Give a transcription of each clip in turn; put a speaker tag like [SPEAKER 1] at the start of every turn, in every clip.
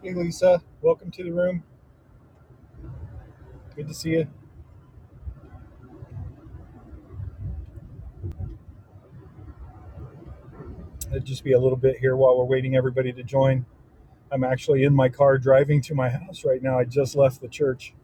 [SPEAKER 1] Hey, Lisa. Welcome to the room. Good to see you. It'll just be a little bit here while we're waiting everybody to join. I'm actually in my car driving to my house right now. I just left the church.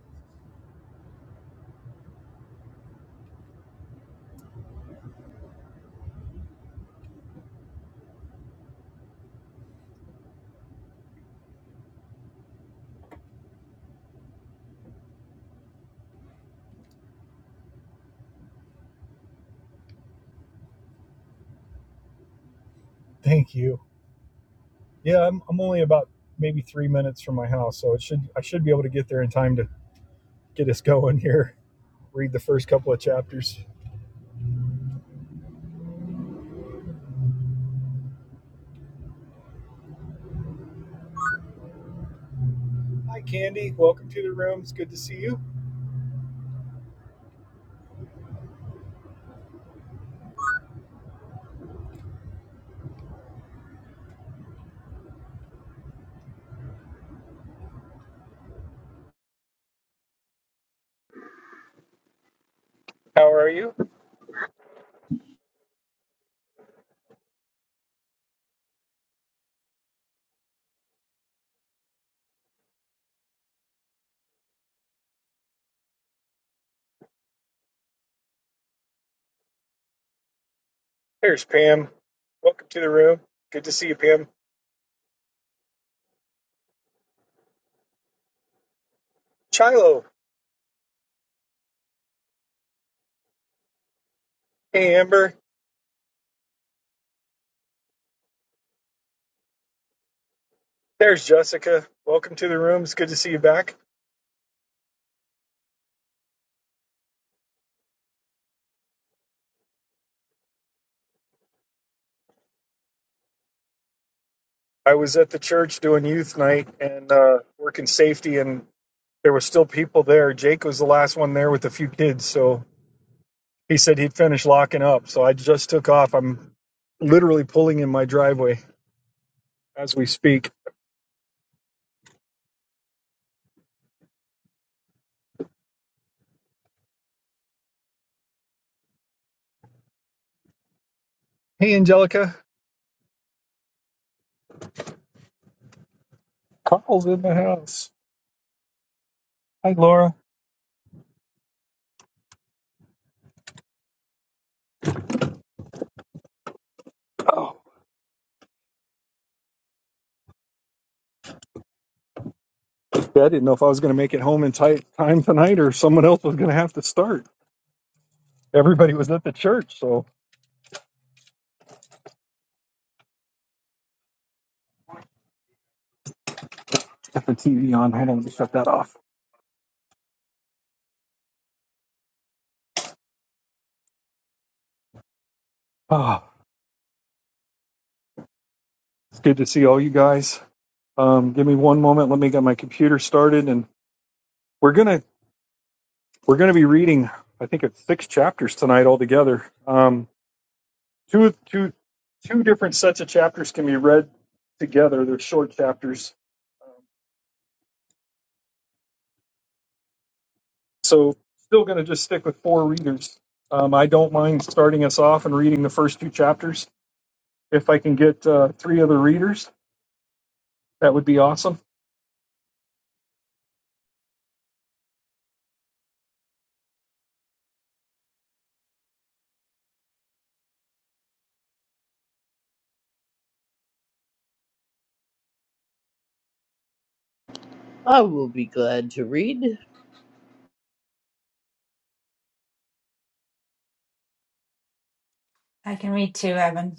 [SPEAKER 1] Thank you. Yeah, I'm, I'm only about maybe three minutes from my house, so it should I should be able to get there in time to get us going here. Read the first couple of chapters. Hi, Candy. Welcome to the room. It's good to see you. How are you? There's Pam. Welcome to the room. Good to see you, Pam. Chilo. Hey, Amber. There's Jessica. Welcome to the room. It's good to see you back. I was at the church doing youth night and uh, working safety, and there were still people there. Jake was the last one there with a few kids, so he said he'd finish locking up. So I just took off. I'm literally pulling in my driveway as we speak. Hey, Angelica. Carl's in the house. Hi, Laura. Oh, yeah, I didn't know if I was going to make it home in tight time tonight or someone else was going to have to start. Everybody was at the church, so got the TV on. Hold on, let me shut that off. Ah, it's good to see all you guys. Um, give me one moment. Let me get my computer started, and we're gonna we're gonna be reading. I think it's six chapters tonight altogether. Um, two two two different sets of chapters can be read together. They're short chapters, so still gonna just stick with four readers. Um, I don't mind starting us off and reading the first two chapters. If I can get uh, three other readers, that would be awesome.
[SPEAKER 2] I will be glad to read. A
[SPEAKER 3] I can read too, Evan.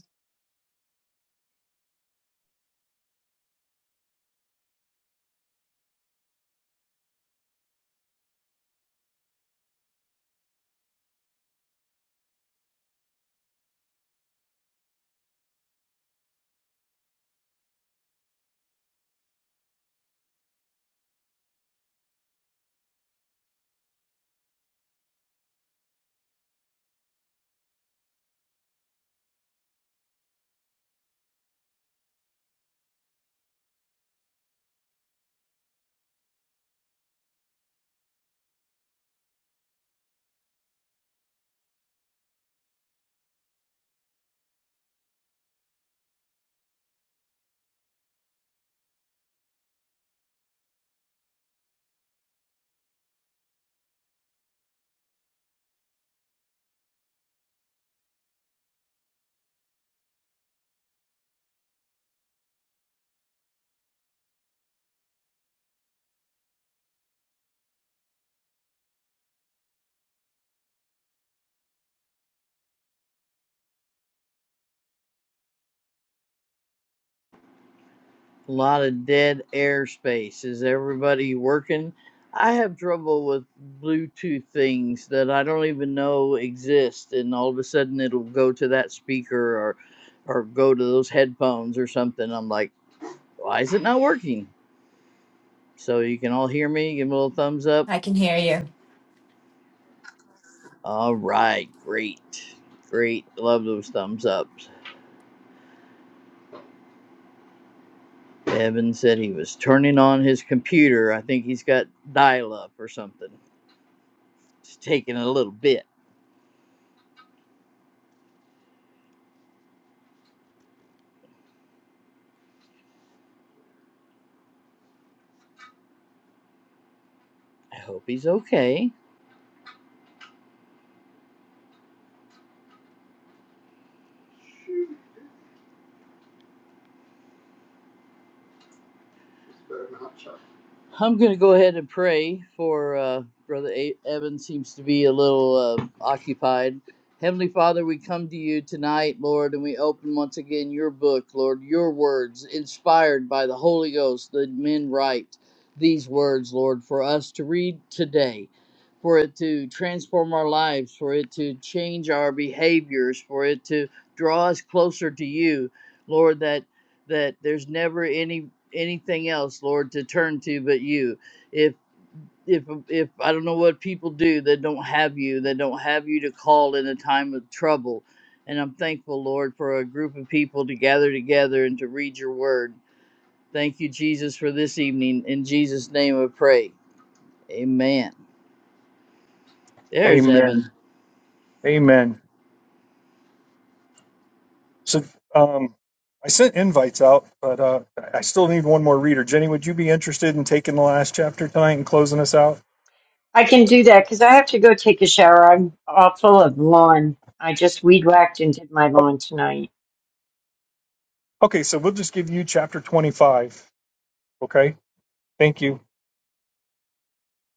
[SPEAKER 2] lot of dead airspace. Is everybody working? I have trouble with Bluetooth things that I don't even know exist, and all of a sudden it'll go to that speaker or, or go to those headphones or something. I'm like, why is it not working? So you can all hear me. Give me a little thumbs up.
[SPEAKER 3] I can hear you.
[SPEAKER 2] All right, great, great. Love those thumbs ups. Evan said he was turning on his computer. I think he's got dial up or something. It's taking a little bit. I hope he's okay. I'm going to go ahead and pray for uh, Brother Evan, seems to be a little uh, occupied. Heavenly Father, we come to you tonight, Lord, and we open once again your book, Lord, your words, inspired by the Holy Ghost, that men write these words, Lord, for us to read today, for it to transform our lives, for it to change our behaviors, for it to draw us closer to you, Lord, that that there's never any anything else lord to turn to but you if if if i don't know what people do that don't have you that don't have you to call in a time of trouble and i'm thankful lord for a group of people to gather together and to read your word thank you jesus for this evening in jesus name i pray amen there's
[SPEAKER 1] Amen.
[SPEAKER 2] evan
[SPEAKER 1] Amen. So um, I sent invites out, but uh, I still need one more reader. Jenny, would you be interested in taking the last chapter tonight and closing us out?
[SPEAKER 4] I can do that because I have to go take a shower. I'm all full of lawn. I just weed whacked and did my
[SPEAKER 1] Oh,
[SPEAKER 4] lawn tonight.
[SPEAKER 1] okay, so we'll just give you chapter 25. Okay, thank you.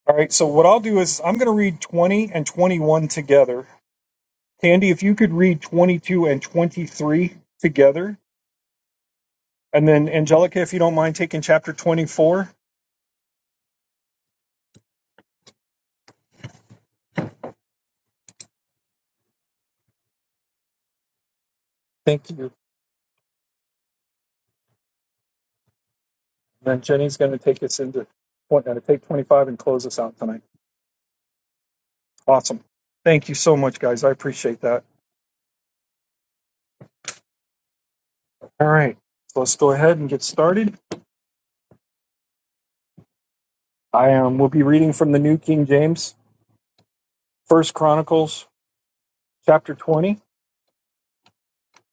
[SPEAKER 1] All right, so what I'll do is I'm going to read 20 and 21 together. Candy, if you could read 22 and 23 together. And then Angelica, if you don't mind taking chapter 24. Thank you. And then Jenny's going to take us into, going to take 25 and close us out tonight. Awesome. Thank you so much, guys. I appreciate that. All right. So let's go ahead and get started. I um, will be reading from the New King James, First Chronicles chapter 20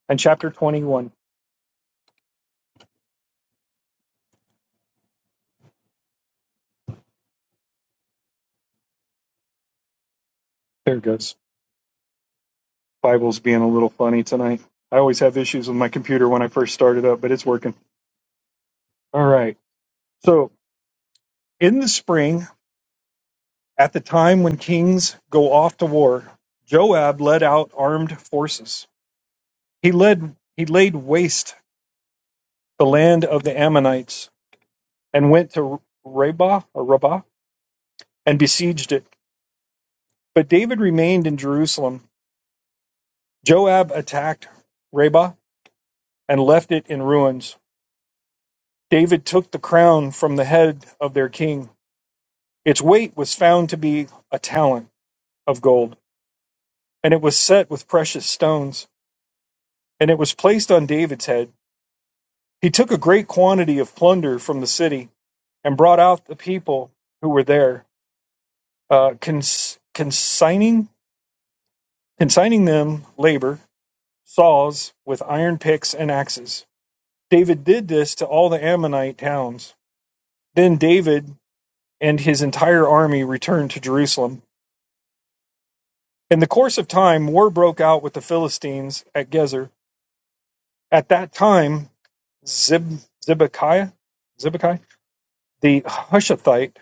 [SPEAKER 1] and chapter 21. There it goes. Bible's being a little funny tonight. I always have issues with my computer when I first started up, but it's working. All right. So in the spring, at the time when kings go off to war, Joab led out armed forces. He led he laid waste the land of the Ammonites and went to Rabbah or Rabbah and besieged it. But David remained in Jerusalem. Joab attacked Rabbah and left it in ruins. David took the crown from the head of their king. Its weight was found to be a talent of gold, and it was set with precious stones, and it was placed on David's head. He took a great quantity of plunder from the city and brought out the people who were there, uh, cons- consigning consigning them labor saws with iron picks and axes. David did this to all the Ammonite towns. Then David and his entire army returned to Jerusalem. In the course of time, war broke out with the Philistines at Gezer. At that time, Zib, Zibekiah, Zibekiah, the Hushathite,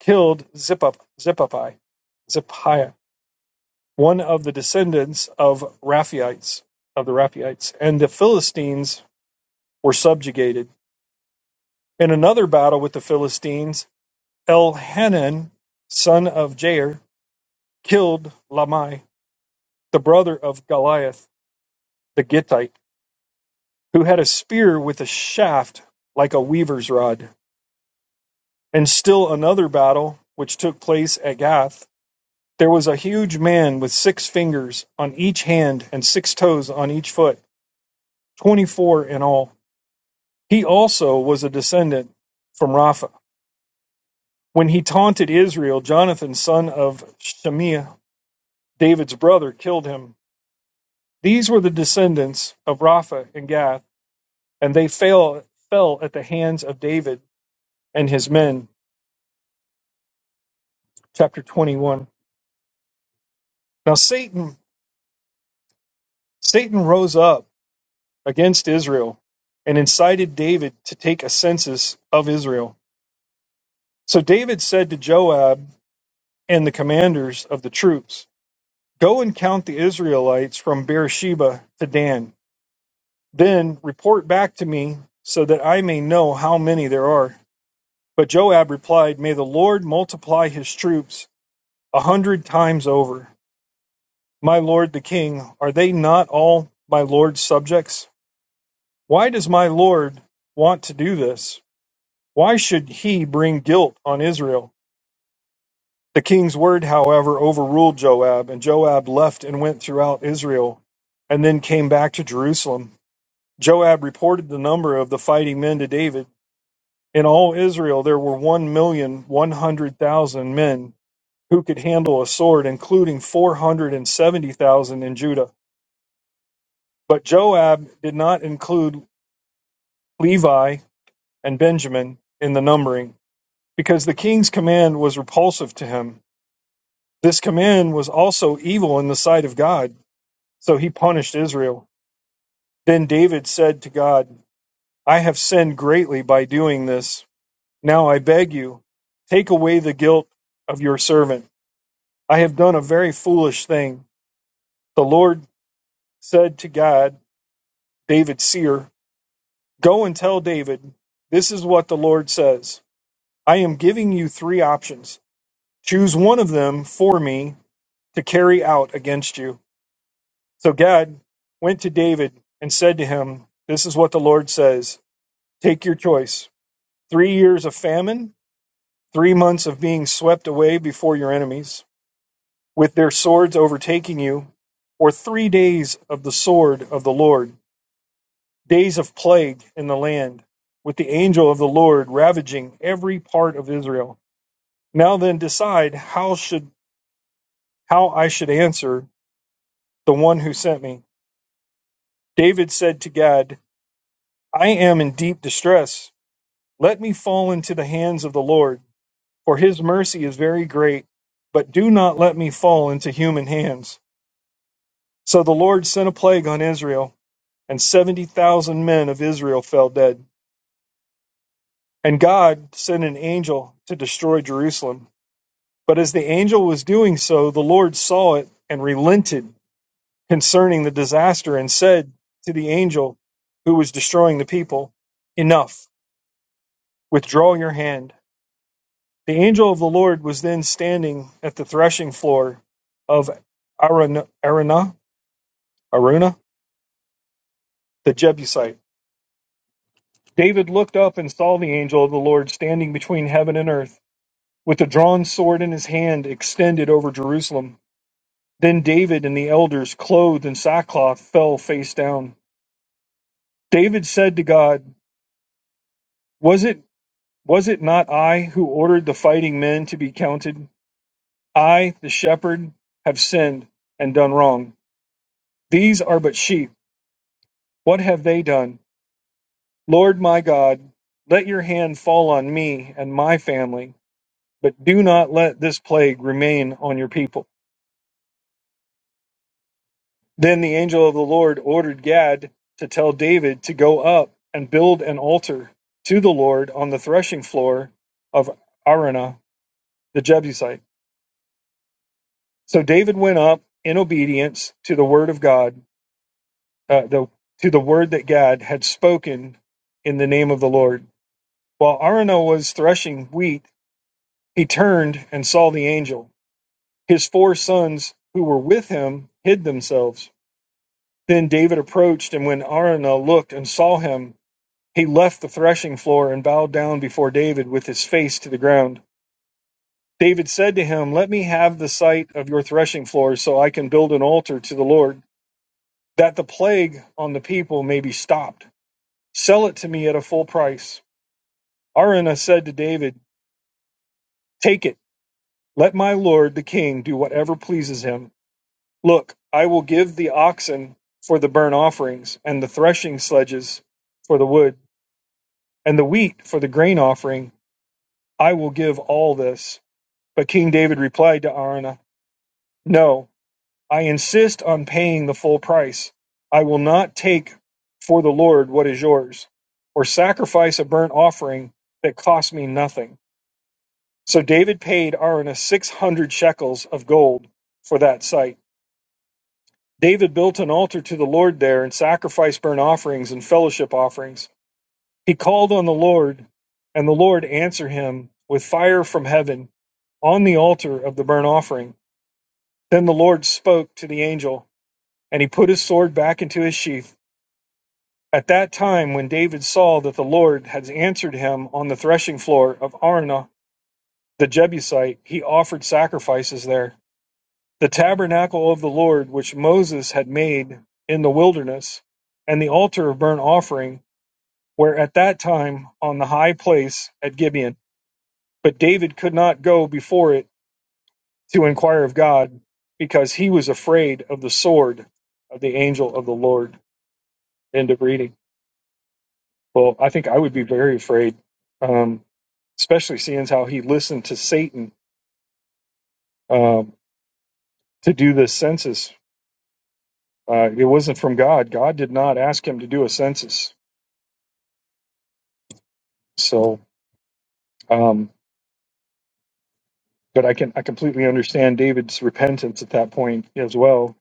[SPEAKER 1] killed Zippa- Zippai, Zippiah, one of the descendants of Raphaites, of the Raphaites, and the Philistines were subjugated. In another battle with the Philistines, Elhanan son of Jair killed Lamai, the brother of Goliath the Gittite, who had a spear with a shaft like a weaver's rod. In still another battle, which took place at Gath, there was a huge man with six fingers on each hand and six toes on each foot, 24 in all. He also was a descendant from Rapha. When he taunted Israel, Jonathan, son of Shemiah, David's brother, killed him. These were the descendants of Rapha and Gath, and they fell, fell at the hands of David and his men. Chapter 21. Now Satan, Satan rose up against Israel and incited David to take a census of Israel. So David said to Joab and the commanders of the troops, Go and count the Israelites from Beersheba to Dan. Then report back to me so that I may know how many there are. But Joab replied, May the Lord multiply his troops a hundred times over. My lord the king, are they not all my lord's subjects? Why does my lord want to do this? Why should he bring guilt on Israel? The king's word, however, overruled Joab, and Joab left and went throughout Israel, and then came back to Jerusalem. Joab reported the number of the fighting men to David. In all Israel there were one million one hundred thousand men who could handle a sword, including 470,000 in Judah. But Joab did not include Levi and Benjamin in the numbering, because the king's command was repulsive to him. This command was also evil in the sight of God, so he punished Israel. Then David said to God, I have sinned greatly by doing this. Now I beg you, take away the guilt of your servant. I have done a very foolish thing. The Lord said to God, David's seer, Go and tell David, this is what the Lord says. I am giving you three options. Choose one of them for me to carry out against you. So Gad went to David and said to him, This is what the Lord says. Take your choice. Three years of famine, three months of being swept away before your enemies, with their swords overtaking you, or three days of the sword of the Lord days of plague in the land, with the angel of the Lord ravaging every part of Israel. Now then decide how should how I should answer the one who sent me. David said to God, I am in deep distress. Let me fall into the hands of the Lord, for his mercy is very great, but do not let me fall into human hands. So the Lord sent a plague on Israel, and 70,000 men of Israel fell dead. And God sent an angel to destroy Jerusalem. But as the angel was doing so, the Lord saw it and relented concerning the disaster and said to the angel who was destroying the people, Enough, withdraw your hand. The angel of the Lord was then standing at the threshing floor of Aruna, Aruna, Aruna the Jebusite. David looked up and saw the angel of the Lord standing between heaven and earth, with a drawn sword in his hand extended over Jerusalem. Then David and the elders, clothed in sackcloth, fell face down. David said to God, Was it was it not I who ordered the fighting men to be counted? I, the shepherd, have sinned and done wrong. These are but sheep. What have they done? Lord my God, let your hand fall on me and my family, but do not let this plague remain on your people. Then the angel of the Lord ordered Gad to tell David to go up and build an altar to the Lord on the threshing floor of Arunah the Jebusite. So David went up in obedience to the word of God, uh, the, to the word that Gad had spoken in the name of the Lord. While Arunah was threshing wheat, he turned and saw the angel. His four sons who were with him hid themselves. Then David approached, and when Araunah looked and saw him, He left the threshing floor and bowed down before David with his face to the ground. David said to him, Let me have the site of your threshing floor so I can build an altar to the Lord, that the plague on the people may be stopped. Sell it to me at a full price. Araunah said to David, Take it. Let my lord the king do whatever pleases him. Look, I will give the oxen for the burnt offerings, and the threshing sledges for the wood, and the wheat for the grain offering. I will give all this. But King David replied to Araunah, No, I insist on paying the full price. I will not take for the Lord what is yours, or sacrifice a burnt offering that costs me nothing. So David paid Araunah 600 shekels of gold for that site. David built an altar to the Lord there and sacrificed burnt offerings and fellowship offerings. He called on the Lord, and the Lord answered him with fire from heaven on the altar of the burnt offering. Then the Lord spoke to the angel, and he put his sword back into his sheath. At that time, when David saw that the Lord had answered him on the threshing floor of Arunah the Jebusite, he offered sacrifices there. The tabernacle of the Lord, which Moses had made in the wilderness, and the altar of burnt offering, were at that time on the high place at Gibeon. But David could not go before it to inquire of God, because he was afraid of the sword of the angel of the Lord. End of reading. Well, I think I would be very afraid, um, especially seeing how he listened to Satan um, to do this census. Uh, it wasn't from God. God did not ask him to do a census. So, um, but I can I completely understand David's repentance at that point as well.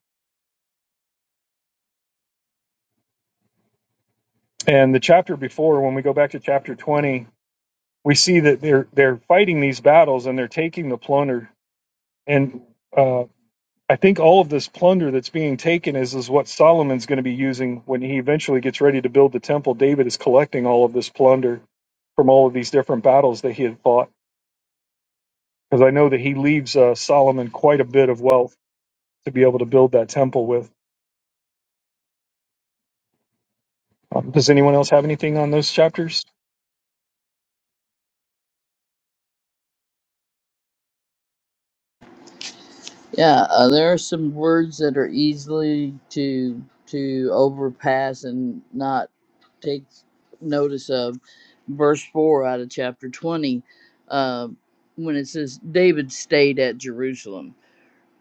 [SPEAKER 1] And the chapter before, when we go back to chapter twenty, we see that they're they're fighting these battles and they're taking the plunder. And uh, I think all of this plunder that's being taken is is what Solomon's going to be using when he eventually gets ready to build the temple. David is collecting all of this plunder from all of these different battles that he had fought, because I know that he leaves uh, Solomon quite a bit of wealth to be able to build that temple with. Um, does anyone else have anything on those chapters?
[SPEAKER 2] yeah uh, there are some words that are easily to to overpass and not take notice of verse 4 out of chapter 20 uh, when it says david stayed at jerusalem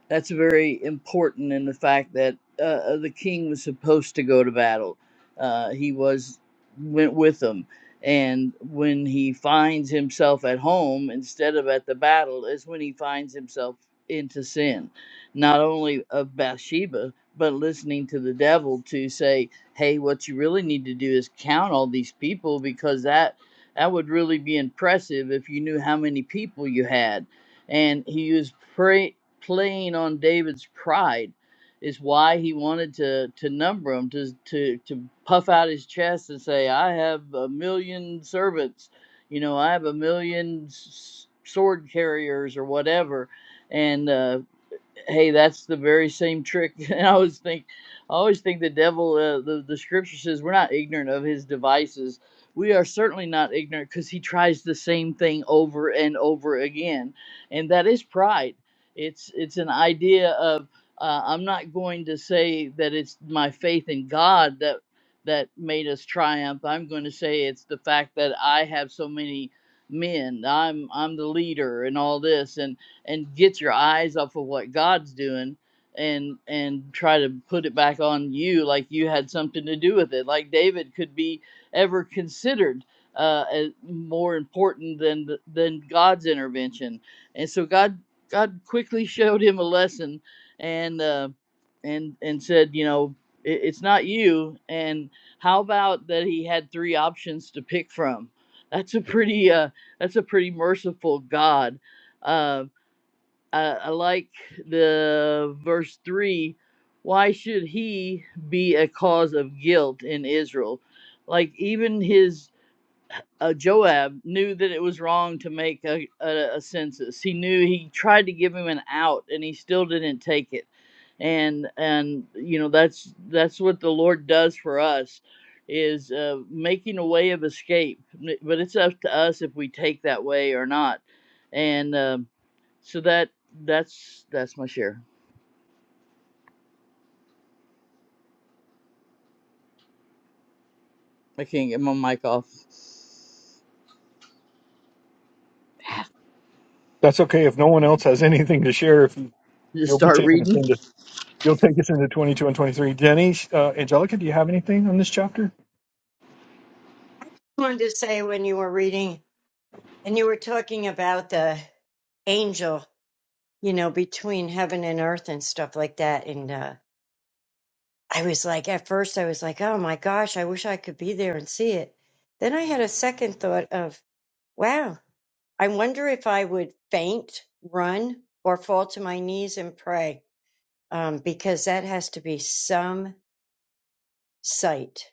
[SPEAKER 2] that's very important in the fact that uh, uh, the king was supposed to go to battle. Uh, he was went with them, and when he finds himself at home instead of at the battle, is when he finds himself into sin, not only of Bathsheba, but listening to the devil to say, "Hey, what you really need to do is count all these people because that." That would really be impressive if you knew how many people you had and he was pray playing on David's pride is why he wanted to to number him to to to puff out his chest and say I have a million servants you know I have a million s- sword carriers or whatever and uh, hey, that's the very same trick. And I always think, I always think the devil. Uh, the the scripture says we're not ignorant of his devices. We are certainly not ignorant because he tries the same thing over and over again, and that is pride. It's it's an idea of uh, I'm not going to say that it's my faith in God that that made us triumph. I'm going to say it's the fact that I have so many men. I'm I'm the leader and all this, and get your eyes off of what God's doing and and try to put it back on you like you had something to do with it like David could be ever considered uh as more important than than God's intervention and so God God quickly showed him a lesson and uh and and said you know it, it's not you and how about that he had three options to pick from that's a pretty uh that's a pretty merciful God. Uh, I, I like the verse three. Why should he be a cause of guilt in Israel? Like even his uh, Joab knew that it was wrong to make a, a, a census. He knew he tried to give him an out, and he still didn't take it. And and you know that's that's what the Lord does for us is uh, making a way of escape. But it's up to us if we take that way or not. And um so that that's that's my share. I can't get my mic off.
[SPEAKER 1] That's okay if no one else has anything to share. If you,
[SPEAKER 2] Just
[SPEAKER 1] you'll be
[SPEAKER 2] start
[SPEAKER 1] taking us
[SPEAKER 2] reading.
[SPEAKER 1] into you'll take us into twenty two and twenty three. Jenny, uh, Angelica, do you have anything on this chapter?
[SPEAKER 4] wanted to say when you were reading and you were talking about the angel, you know, between heaven and earth and stuff like that. And uh, I was like, at first, I was like, oh my gosh, I wish I could be there and see it. Then I had a second thought of, wow, I wonder if I would faint, run, or fall to my knees and pray, um, because that has to be some site.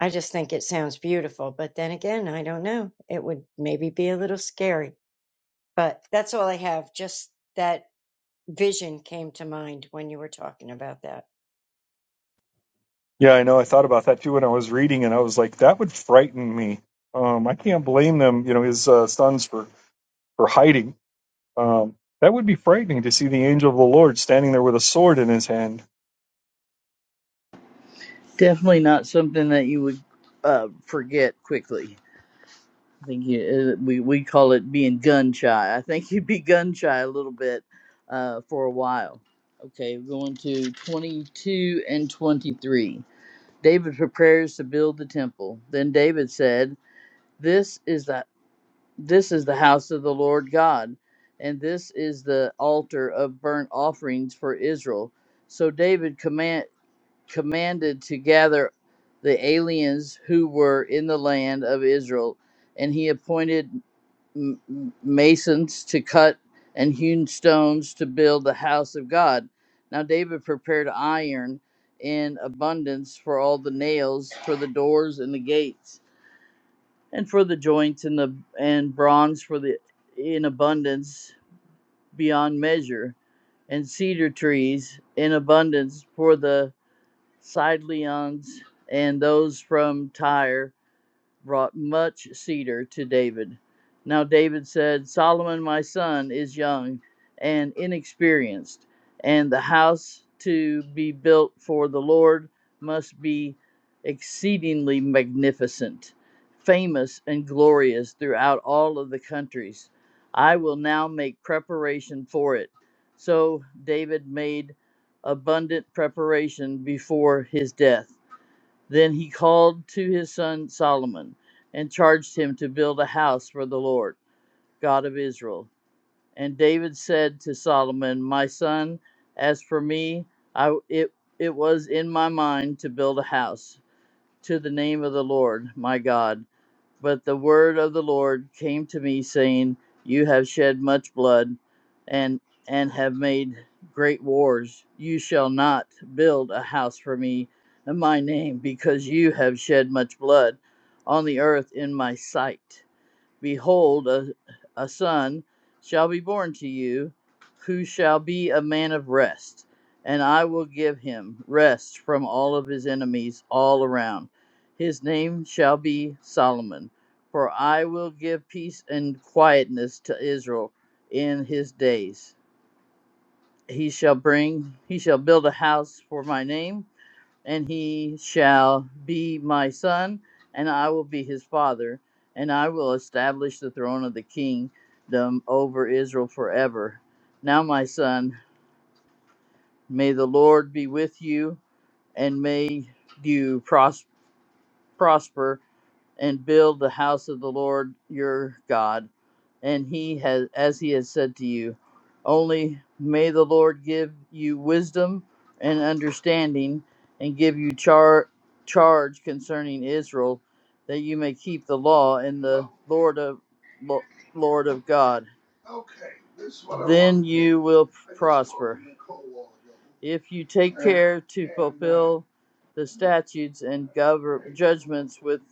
[SPEAKER 4] I just think it sounds beautiful, but then again, I don't know. It would maybe be a little scary, but that's all I have. Just that vision came to mind when you were talking about that.
[SPEAKER 1] Yeah, I know. I thought about that too when I was reading, and I was like, that would frighten me. Um, I can't blame them, you know, his uh, sons for for hiding. Um, that would be frightening to see the angel of the Lord standing there with a sword in his hand.
[SPEAKER 2] Definitely not something that you would uh, forget quickly. I think you, uh, we we call it being gun shy. I think you'd be gun shy a little bit uh, for a while. Okay, we're going to 22 and 23. David prepares to build the temple. Then David said, "This is the This is the house of the Lord God, and this is the altar of burnt offerings for Israel. So David command, commanded to gather the aliens who were in the land of Israel, and he appointed m- m- masons to cut and hewn stones to build the house of God. Now David prepared iron in abundance for all the nails for the doors and the gates and for the joints and the and bronze for the in abundance beyond measure, and cedar trees in abundance for the Sidelions and those from Tyre, brought much cedar to David. Now David said, Solomon my son is young and inexperienced, and the house to be built for the Lord must be exceedingly magnificent, famous and glorious throughout all of the countries. I will now make preparation for it. So David made abundant preparation before his death. Then he called to his son Solomon and charged him to build a house for the Lord, God of Israel. And David said to Solomon, My son, as for me, I, it, it was in my mind to build a house to the name of the Lord, my God but the word of the Lord came to me, saying, You have shed much blood, and and have made great wars. You shall not build a house for me in my name, because you have shed much blood on the earth in my sight. Behold, a, a son shall be born to you, who shall be a man of rest, and I will give him rest from all of his enemies all around. His name shall be Solomon, for I will give peace and quietness to Israel in his days. He shall bring, he shall build a house for my name and he shall be my son, and I will be his father, and I will establish the throne of the kingdom over Israel forever. Now, my son, may the Lord be with you, and may you pros- prosper and build the house of the Lord your God, and he has as he has said to you. Only may the Lord give you wisdom and understanding, and give you char- charge concerning Israel, that you may keep the law and the Lord of Lo- Lord of God. Okay, this is what I then want. you will I just prosper. want you to call all of them. If you take care to fulfill the statutes and govern judgments with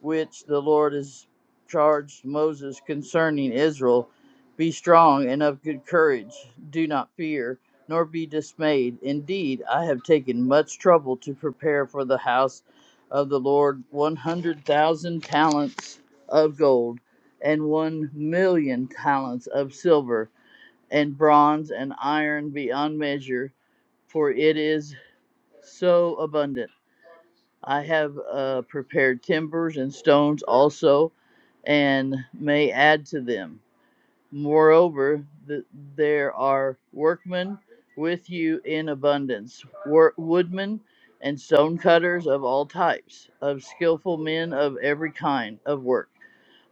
[SPEAKER 2] which the Lord has charged Moses concerning Israel Be strong and of good courage. Do not fear, nor be dismayed. Indeed, I have taken much trouble to prepare for the house of the Lord 100,000 talents of gold and 1 million talents of silver and bronze and iron beyond measure, for it is so abundant. I have uh, prepared timbers and stones also, and may add to them. Moreover, th- there are workmen with you in abundance, wor- woodmen and stone cutters of all types, of skillful men of every kind of work,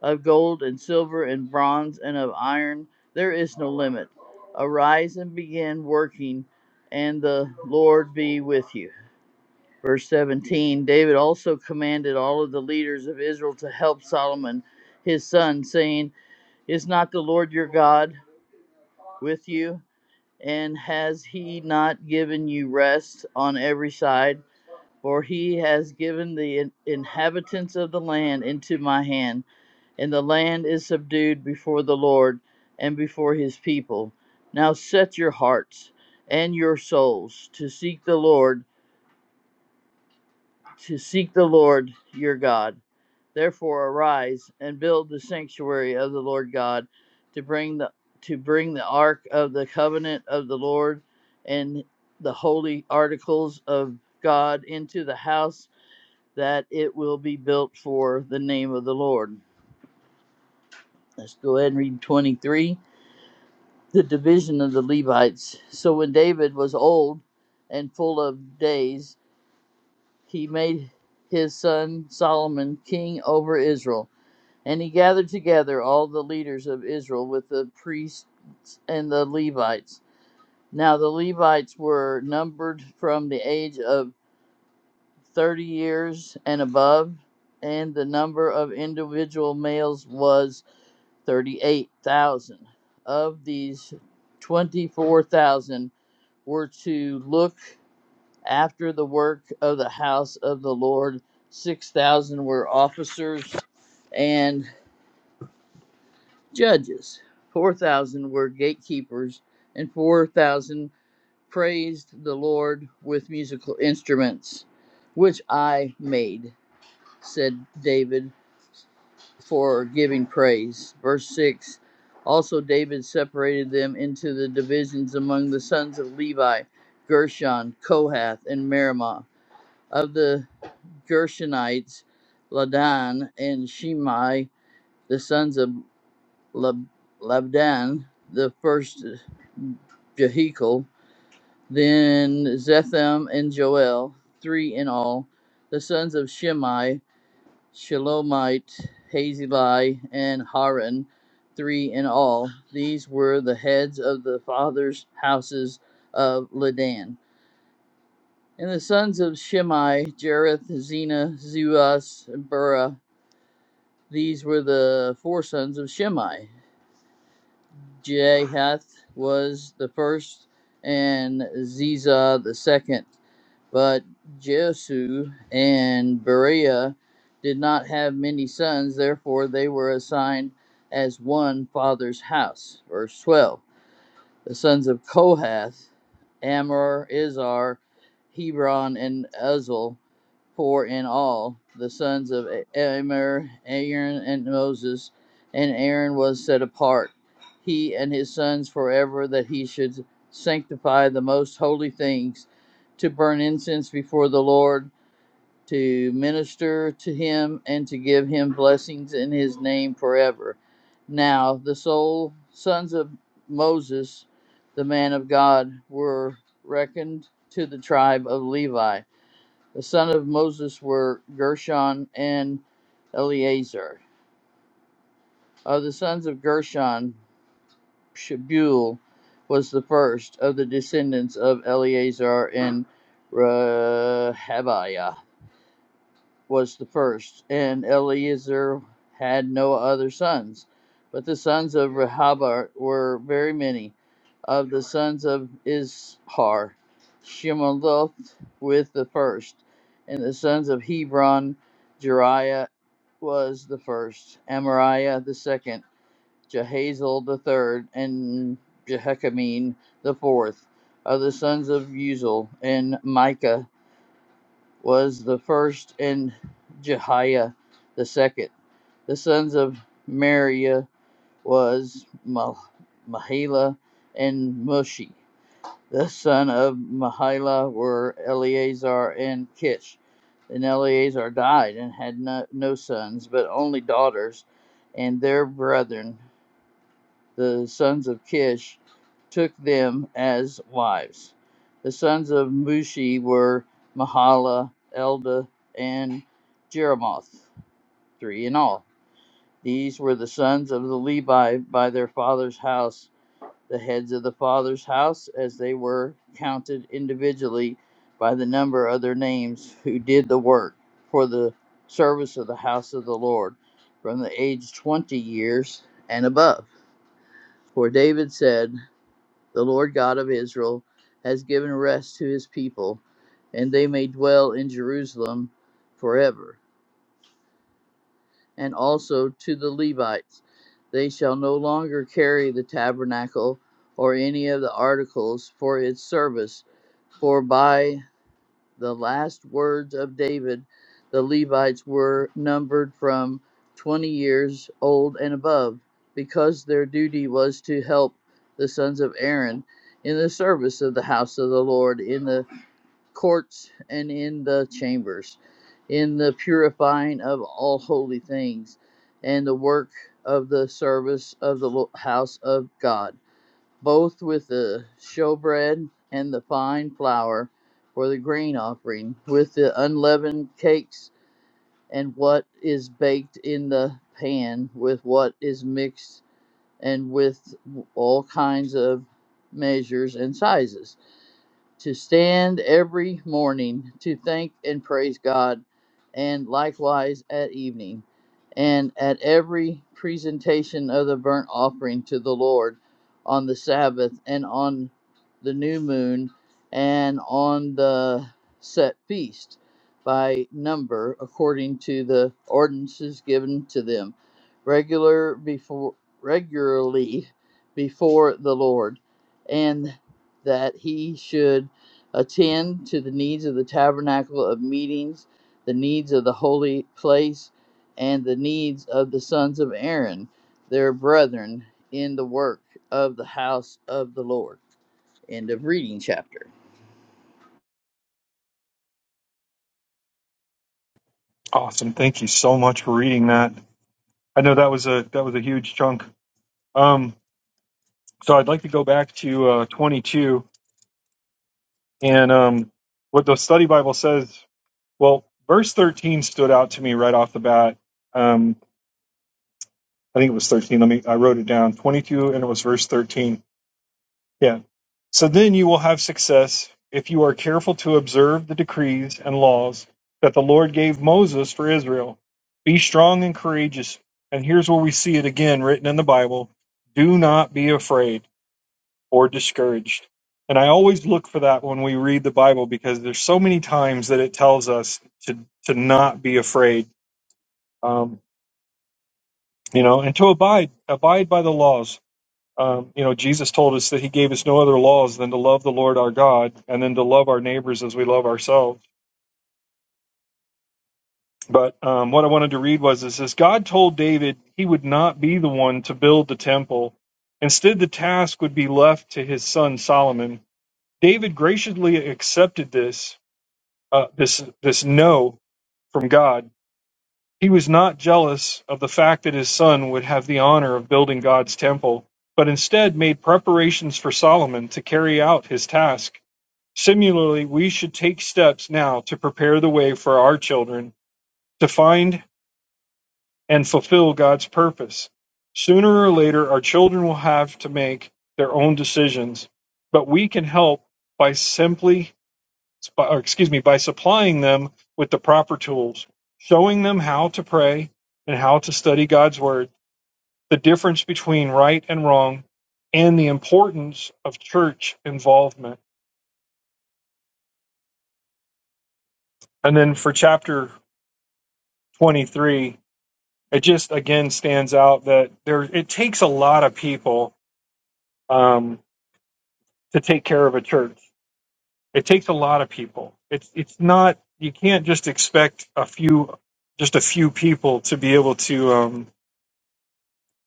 [SPEAKER 2] of gold and silver and bronze and of iron. There is no limit. Arise and begin working, and the Lord be with you. Verse 17 David also commanded all of the leaders of Israel to help Solomon, his son, saying, Is not the Lord your God with you? And has he not given you rest on every side? For he has given the inhabitants of the land into my hand, and the land is subdued before the Lord and before his people. Now set your hearts and your souls to seek the Lord, to seek the Lord your God Therefore arise and build the sanctuary of the Lord God to bring the to bring the ark of the covenant of the Lord and the holy articles of God into the house that it will be built for the name of the Lord. Let's go ahead and read 23. The division of the Levites. So when David was old and full of days, he made his son Solomon king over Israel And he gathered together all the leaders of Israel with the priests and the Levites. Now the Levites were numbered from the age of 30 years and above, and the number of individual males was 38,000. Of these, 24,000 were to look after the work of the house of the Lord, 6,000 were officers, and Judges, 4,000 were gatekeepers, and 4,000 praised the Lord with musical instruments, which I made, said David, for giving praise. Verse 6 Also David separated them into the divisions among the sons of Levi, Gershon, Kohath, and Merimah. Of the Gershonites, Ladan and Shimei, the sons of Lab- Labdan, the first Jehiel, then Zetham and Joel, three in all, the sons of Shimei, Shalomite, Hazeli, and Haran, three in all. These were the heads of the fathers' houses of Ladan. And the sons of Shimei, Jareth, Zena, Zuas, and Burah. These were the four sons of Shimei. Jehath was the first and Ziza the second. But Jesu and Berea did not have many sons, therefore they were assigned as one father's house. Verse 12. The sons of Kohath, Amor, Izhar, Hebron, and Uzzel for in all the sons of Immer, Aaron, and Moses, and Aaron was set apart, he and his sons forever, that he should sanctify the most holy things, to burn incense before the Lord, to minister to him, and to give him blessings in his name forever. Now the sole sons of Moses, the man of God, were reckoned to the tribe of Levi the sons of Moses were Gershon and Eleazar. Of the sons of Gershon, Shebuel was the first of the descendants of Eleazar, and Rehabiah was the first. And Eleazar had no other sons. But the sons of Rehabiah were very many. Of the sons of Izhar, Shemaloth with the first. And the sons of Hebron, Jeriah was the first, Amariah the second, Jehazel the third, and Jehechamine the fourth, of the sons of Uzal, and Micah was the first, and Jehiah the second. The sons of Mariah was Mah- Mahila and Mushi. The sons of Mahila were Eleazar and Kish. And Eleazar died and had no, no sons, but only daughters. And their brethren, the sons of Kish, took them as wives. The sons of Mushi were Mahala, Elda, and Jeremoth, three in all. These were the sons of the Levi by their father's house the heads of the father's house as they were counted individually by the number of their names who did the work for the service of the house of the Lord from the age 20 years and above. For David said, The Lord God of Israel has given rest to his people, and they may dwell in Jerusalem forever. and also to the Levites. They shall no longer carry the tabernacle or any of the articles for its service, for by the last words of David, the Levites were numbered from 20 years old and above, because their duty was to help the sons of Aaron in the service of the house of the Lord in the courts and in the chambers, in the purifying of all holy things, and the work of the service of the lo- house of God, both with the showbread and the fine flour for the grain offering, with the unleavened cakes and what is baked in the pan, with what is mixed, and with all kinds of measures and sizes to stand every morning to thank and praise God, and likewise at evening, and at every presentation of the burnt offering to the Lord on the Sabbath, and on the new moon, and on the set feast by number according to the ordinances given to them regular before regularly before the Lord and that he should attend to the needs of the tabernacle of meetings, the needs of the holy place, and the needs of the sons of Aaron, their brethren, in the work of the house of the Lord. End of reading chapter.
[SPEAKER 1] Awesome. Thank you so much for reading that. I know that was a that was a huge chunk. Um, so I'd like to go back to uh, 22 and um, what the study Bible says. Well, verse 13 stood out to me right off the bat. Um, I think it was 13. Let me. I wrote it down. 22, and it was verse 13 Yeah. So then you will have success if you are careful to observe the decrees and laws that the Lord gave Moses for Israel. Be strong and courageous. And here's where we see it again written in the Bible do not be afraid or discouraged. And I always look for that when we read the Bible because there's so many times that it tells us to, to not be afraid, um, you know, and to abide, abide by the laws um, you know, Jesus told us that He gave us no other laws than to love the Lord our God and then to love our neighbors as we love ourselves. But um, what I wanted to read was this: is God told David He would not be the one to build the temple. Instead, the task would be left to his son Solomon. David graciously accepted this uh, this this no from God. He was not jealous of the fact that his son would have the honor of building God's temple, but instead made preparations for Solomon to carry out his task. Similarly, we should take steps now to prepare the way for our children to find and fulfill God's purpose. Sooner or later, our children will have to make their own decisions, but we can help by simply, or excuse me, by supplying them with the proper tools, showing them how to pray and how to study God's Word, the difference between right and wrong, and the importance of church involvement. And then for chapter 23, it just again stands out that there it takes a lot of people um, to take care of a church. It takes a lot of people. It's it's not you can't just expect a few just a few people to be able to um,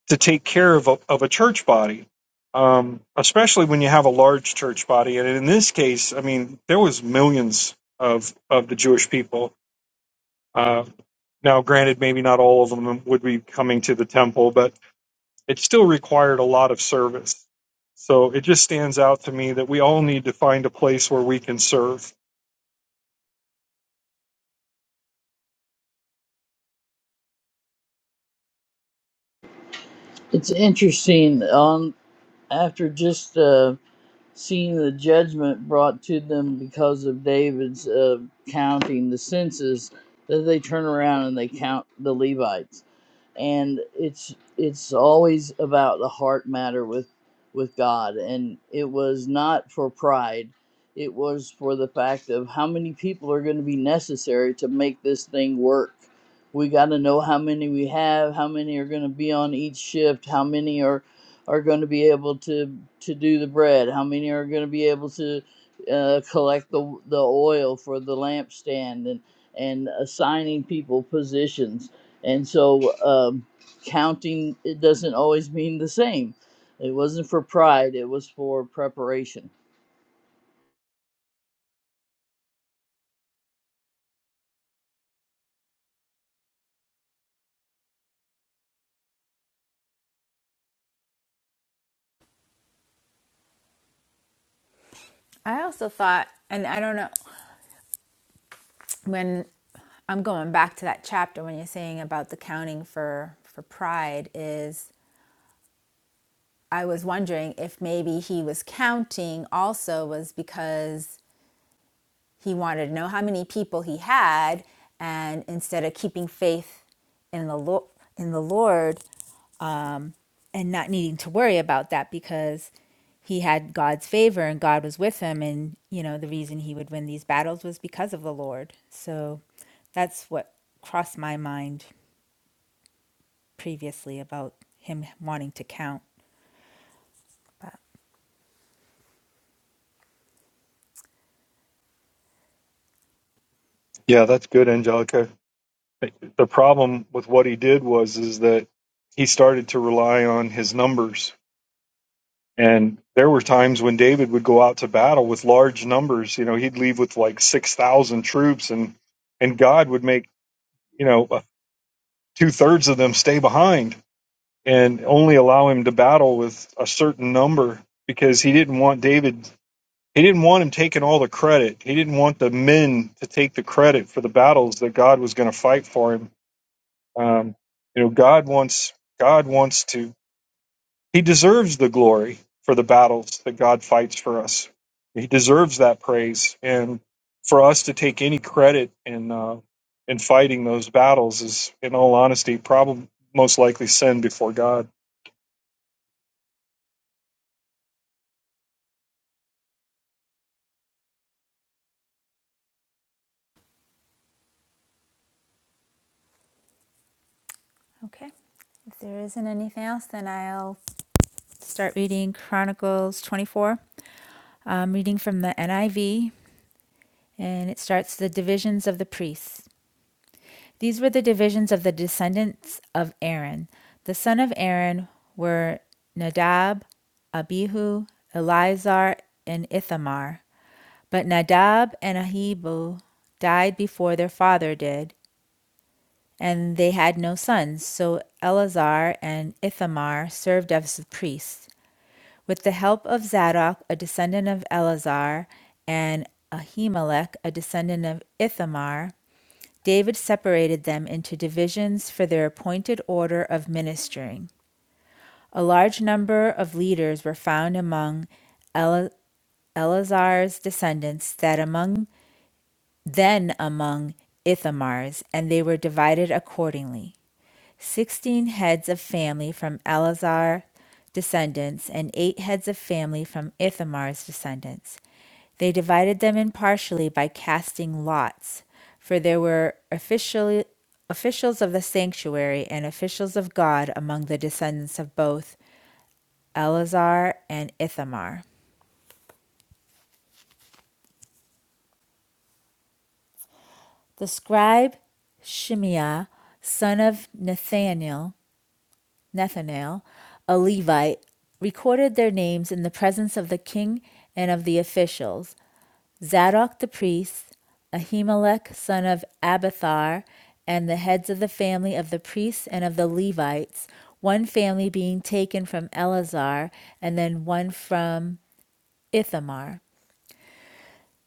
[SPEAKER 1] to take care of a, of a church body, um, especially when you have a large church body. And in this case, I mean, there was millions of of the Jewish people. Uh, now, granted, maybe not all of them would be coming to the temple, but it still required a lot of service. So it just stands out to me that we all need to find a place where we can serve.
[SPEAKER 2] It's interesting on after just uh, seeing the judgment brought to them because of David's uh, counting the census that they turn around and they count the Levites and it's it's always about the heart matter with with God and it was not for pride it was for the fact of how many people are going to be necessary to make this thing work we got to know how many we have how many are going to be on each shift how many are are going to be able to to do the bread how many are going to be able to uh, collect the the oil for the lampstand and and assigning people positions and so um, counting it doesn't always mean the same. It wasn't for pride, it was for preparation.
[SPEAKER 3] I also thought, and I don't know when I'm going back to that chapter when you're saying about the counting for for pride is I was wondering if maybe he was counting also was because he wanted to know how many people he had and instead of keeping faith in the Lord in the Lord um, and not needing to worry about that because he had God's favor and God was with him. And, you know, the reason he would win these battles was because of the Lord. So that's what crossed my mind previously about him wanting to count.
[SPEAKER 1] Yeah, that's good, Angelica. The problem with what he did was is that he started to rely on his numbers. And there were times when David would go out to battle with large numbers. You know, he'd leave with like six thousand troops, and and God would make you know two thirds of them stay behind and only allow him to battle with a certain number because he didn't want David He didn't want him taking all the credit. He didn't want the men to take the credit for the battles that God was going to fight for him. Um, you know, God wants God wants to. He deserves the glory for the battles that God fights for us. He deserves that praise, and for us to take any credit in uh, in fighting those battles is, in all honesty, probably most likely sin before God.
[SPEAKER 3] Okay. If there isn't anything else, then I'll start reading Chronicles 24. I'm reading from the NIV, and it starts the divisions of the priests. These were the divisions of the descendants of Aaron. The sons of Aaron were Nadab, Abihu, Eleazar, and Ithamar. But Nadab and Abihu died before their father did, and they had no sons. So Eleazar and Ithamar served as priests. With the help of Zadok, a descendant of Eleazar, and Ahimelech, a descendant of Ithamar, David separated them into divisions for their appointed order of ministering. A large number of leaders were found among Ele- Eleazar's descendants that among then among Ithamar's, and they were divided accordingly. Sixteen heads of family from Eleazar descendants and eight heads of family from Ithamar's descendants. They divided them impartially by casting lots, for there were officially, officials of the sanctuary and officials of God among the descendants of both Eleazar and Ithamar. The scribe Shimei, son of Nethanel, Nathanael, a Levite, recorded their names in the presence of the king and of the officials. Zadok the priest, Ahimelech son of Abiathar, and the heads of the family of the priests and of the Levites, one family being taken from Eleazar, and then one from Ithamar.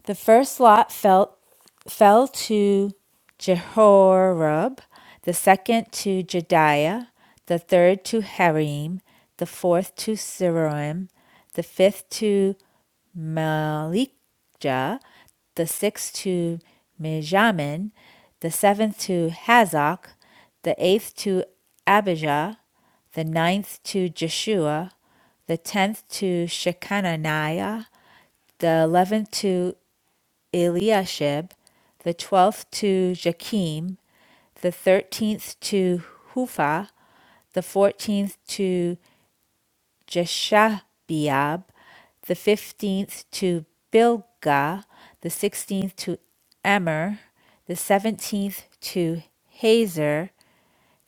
[SPEAKER 3] The first lot fell, fell to Jehoram, the second to Jediah, the third to Harim, the fourth to Siroim, the fifth to Malikah, the sixth to Mijamin, the seventh to Hazak, the eighth to Abijah, the ninth to Jeshua, the tenth to Shechaniah, the eleventh to Eliashib, the twelfth to Jachim, the thirteenth to Hupha, the fourteenth to Jeshabeab, the fifteenth to Bilgah, the sixteenth to Emer, the seventeenth to Hazer,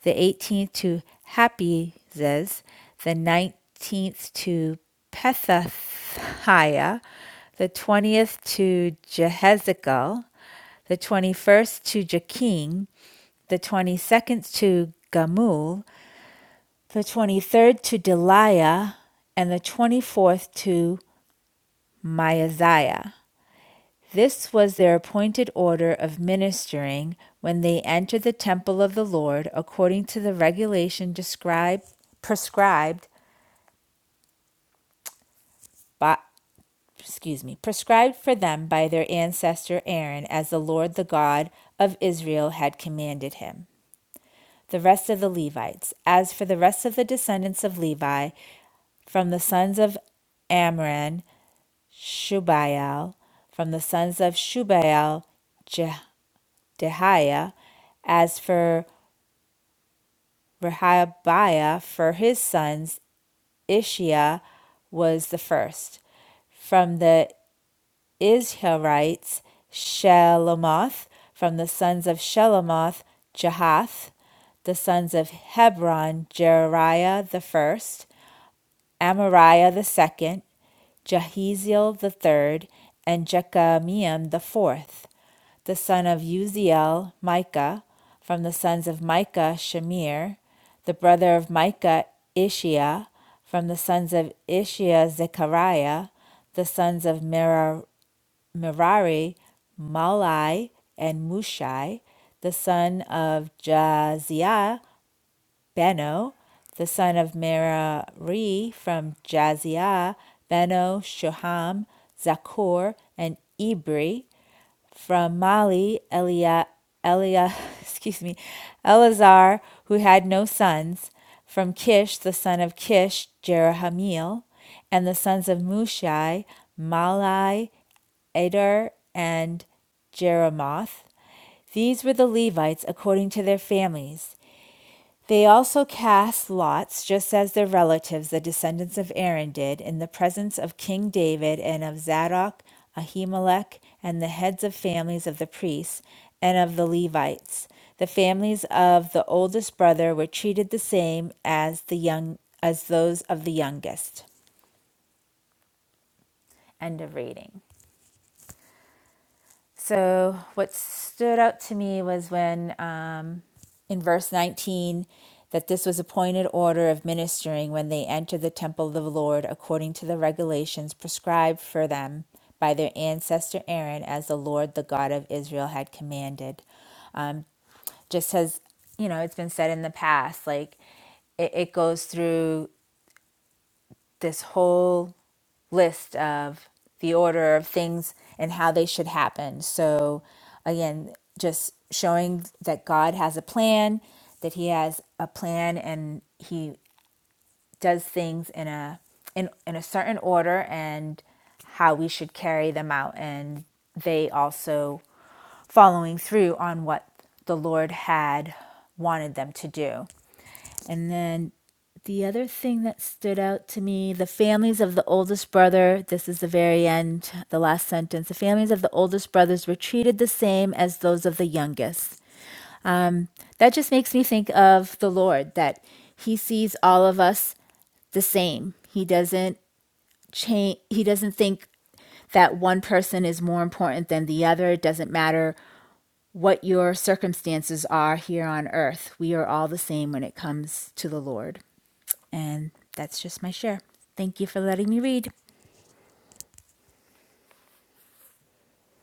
[SPEAKER 3] the 18th to Hapizzes, the 19th to Pethathiah, the 20th to Jehezekel, the 21st to Jakin, the 22nd to Gamul, the 23rd to Deliah, and the 24th to Maaziah. This was their appointed order of ministering when they entered the temple of the Lord according to the regulation described prescribed by excuse me prescribed for them by their ancestor Aaron as the Lord the God of Israel had commanded him. The rest of the Levites, as for the rest of the descendants of Levi, from the sons of Amram, Shubael, from the sons of Shubael, Je- as for Rehabiah for his sons, Ishiah was the first. From the Israelites, Shelomoth. From the sons of Shelomoth, Jahath. The sons of Hebron, Jeriah the first, Amariah the second, Jahaziel the third, and Jekameam the fourth the son of Uziel, Micah, from the sons of Micah, Shemir, the brother of Micah, Ishiah, from the sons of Ishiah, Zechariah, the sons of Merari, Malai, and Mushai, the son of Jaziah, Beno, the son of Merari from Jaziah, Beno, Shoham, Zakur, and Ibri, from Mali, Elia, Elia, excuse me, Eleazar, who had no sons, from Kish, the son of Kish, Jerahmeel, and the sons of Mushai, Malai, Eder, and Jeremoth. These were the Levites according to their families. They also cast lots, just as their relatives, the descendants of Aaron, did, in the presence of King David and of Zadok, Ahimelech, and the heads of families of the priests and of the Levites. The families of the oldest brother were treated the same as the young as those of the youngest. End of reading. So, what stood out to me was when um, in verse 19 that this was appointed order of ministering when they enter the temple of the Lord according to the regulations prescribed for them by their ancestor Aaron as the Lord the God of Israel had commanded. Um, just as you know, it's been said in the past, like it, it goes through this whole list of the order of things and how they should happen. So, again, just showing that God has a plan, that He has a plan, and He does things in a in, in a certain order, and how we should carry them out, and they also following through on what the Lord had wanted them to do. And then the other thing that stood out to me the families of the oldest brother, this is the very end, the last sentence. The families of the oldest brothers were treated the same as those of the youngest. That just makes me think of the Lord, that He sees all of us the same. He doesn't change, He doesn't think that one person is more important than the other. It doesn't matter what your circumstances are here on earth. We are all the same when it comes to the Lord. And that's just my share. Thank you for letting me read.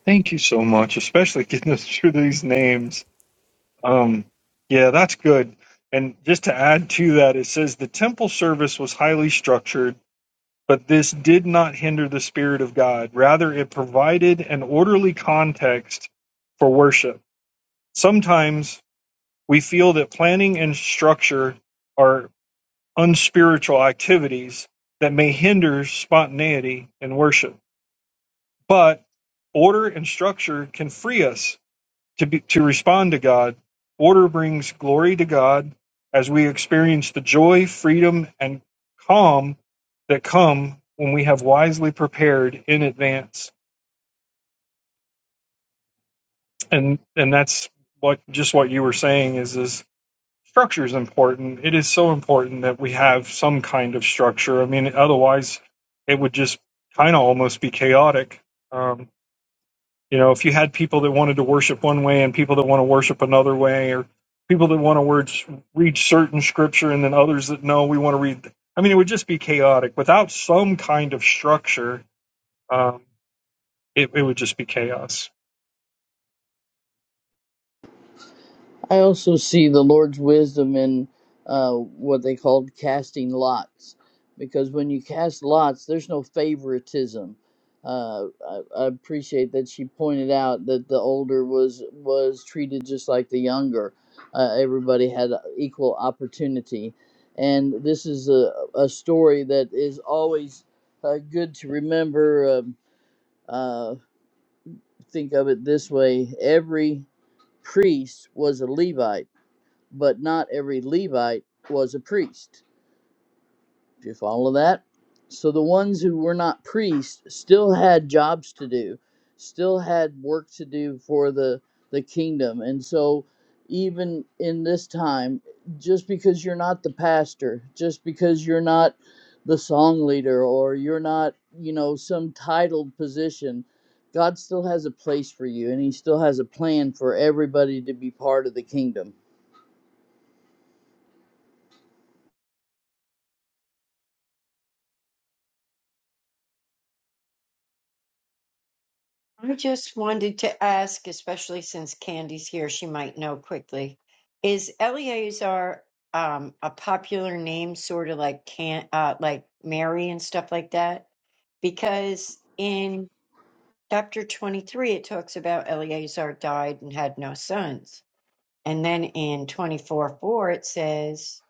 [SPEAKER 1] Thank you so much, especially getting us through these names. Um, yeah, that's good. And just to add to that, it says the temple service was highly structured, but this did not hinder the Spirit of God. Rather, it provided an orderly context for worship. Sometimes we feel that planning and structure are unspiritual activities that may hinder spontaneity in worship, but order and structure can free us to, be, to respond to God, order brings glory to God as we experience the joy, freedom, and calm that come when we have wisely prepared in advance. And and that's what just what you were saying is is structure is important. It is so important that we have some kind of structure. I mean, otherwise it would just kind of almost be chaotic. Um, You know, if you had people that wanted to worship one way and people that want to worship another way, or people that want to word, read certain scripture and then others that no, we want to read. I mean, it would just be chaotic. Without some kind of structure, um, it, it would just be chaos.
[SPEAKER 2] I also see the Lord's wisdom in uh, what they called casting lots, because when you cast lots, there's no favoritism. Uh, I, I appreciate that she pointed out that the older was was treated just like the younger. Uh, everybody had equal opportunity, and this is a, a story that is always uh, good to remember. Um, uh, think of it this way: every priest was a Levite but not every Levite was a priest. If you follow that, so the ones who were not priests still had jobs to do, still had work to do for the the kingdom, and so even in this time, just because you're not the pastor, just because you're not the song leader, or you're not you know some titled position. God still has a place for you, and He still has a plan for everybody to be part of the kingdom
[SPEAKER 4] I just wanted to ask, especially since Candy's here, she might know quickly. Is Eleazar um, a popular name, sort of like can uh, like Mary and stuff like that? Because in chapter twenty-three, it talks about Eleazar died and had no sons. And then in 24 4, it says,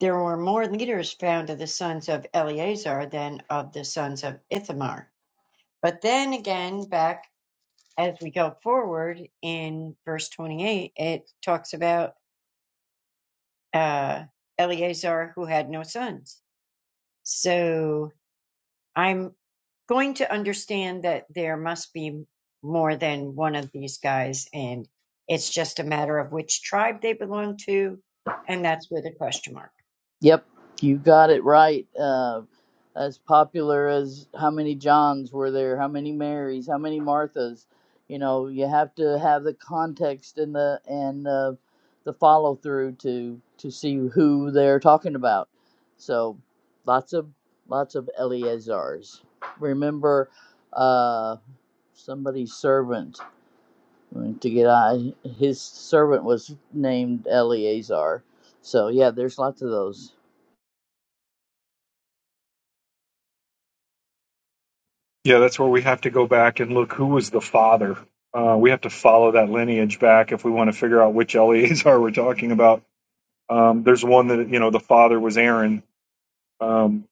[SPEAKER 4] There were more leaders found of the sons of Eleazar than of the sons of Ithamar. But then again, back as we go forward in verse 28, it talks about uh, Eleazar who had no sons. So I'm going to understand that there must be more than one of these guys, and it's just a matter of which tribe they belong to, and that's with a question mark.
[SPEAKER 2] Yep, you got it right. Uh, as popular as how many Johns were there, how many Marys, how many Marthas, you know, you have to have the context and the and uh, the follow through to to see who they're talking about. So, lots of lots of Eleazars. Remember, uh, somebody's servant to get I his servant was named Eleazar. So yeah, there's lots of those.
[SPEAKER 1] Yeah, that's where we have to go back and look who was the father. Uh, we have to follow that lineage back if we want to figure out which Eleazar we're talking about. Um, there's one that, you know, the father was Aaron. Um,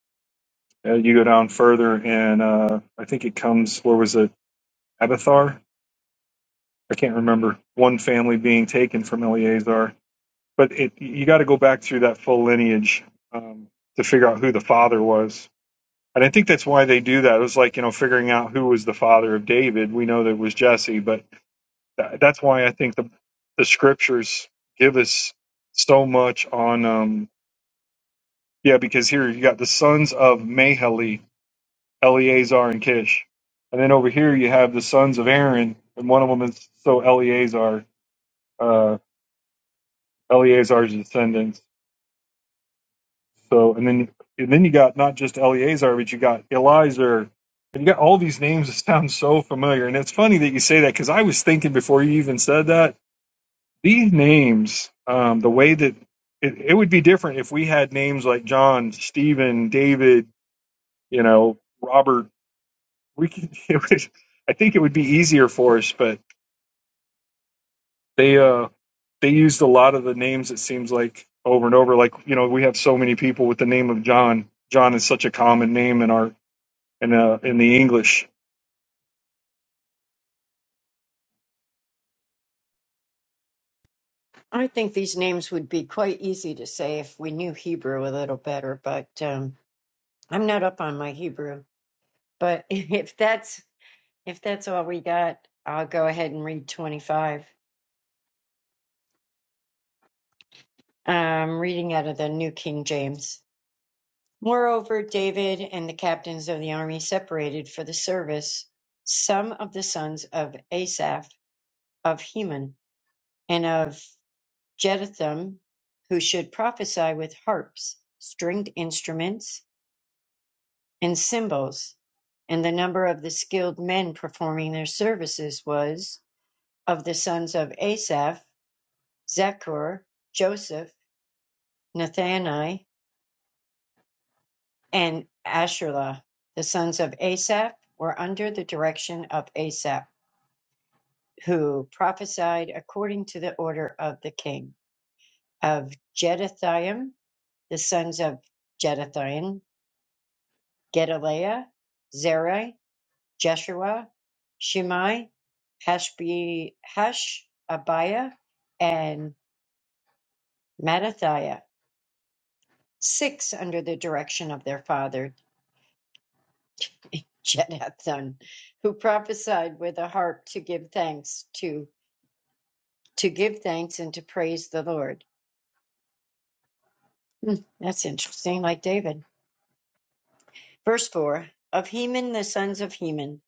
[SPEAKER 1] uh, you go down further, and uh, I think it comes, where was it? Abathar. I can't remember one family being taken from Eleazar, but it you got to go back through that full lineage um, to figure out who the father was. And I think that's why they do that. It was like you know figuring out who was the father of David. We know that it was Jesse, but tha- that's why I think the the scriptures give us so much on um, yeah because here you got the sons of Mahali, Eleazar and Kish, and then over here you have the sons of Aaron, and one of them is so Eleazar. uh, Eleazar's descendants. So, and then and then you got not just Eleazar, but you got Elizar, and you got all these names that sound so familiar. And it's funny that you say that because I was thinking before you even said that these names, um, the way that it, it would be different if we had names like John, Stephen, David, you know, Robert. We could, it would, I think it would be easier for us, but they. uh, they used a lot of the names it seems like over and over like you know we have so many people with the name of john john is such a common name in our in uh in the english
[SPEAKER 4] I think these names would be quite easy to say if we knew Hebrew a little better, but um, I'm not up on my Hebrew. But if that's if that's all we got, I'll go ahead and read 25. I'm reading out of the New King James. Moreover, David and the captains of the army separated for the service some of the sons of Asaph, of Heman, and of Jeduthun, who should prophesy with harps, stringed instruments, and cymbals, and the number of the skilled men performing their services was of the sons of Asaph, Zechor, Joseph, Nathani, and Ashurla. The sons of Asaph were under the direction of Asaph, who prophesied according to the order of the king. Of Jeduthun, the sons of Jeduthun, Gedaliah, Zeri, Jeshua, Shimei, Hashabiah, and Mattathiah, six under the direction of their father Jeduthun, who prophesied with a harp to give thanks to to give thanks and to praise the Lord. Hmm, that's interesting, like David. Verse four of Heman the sons of Heman,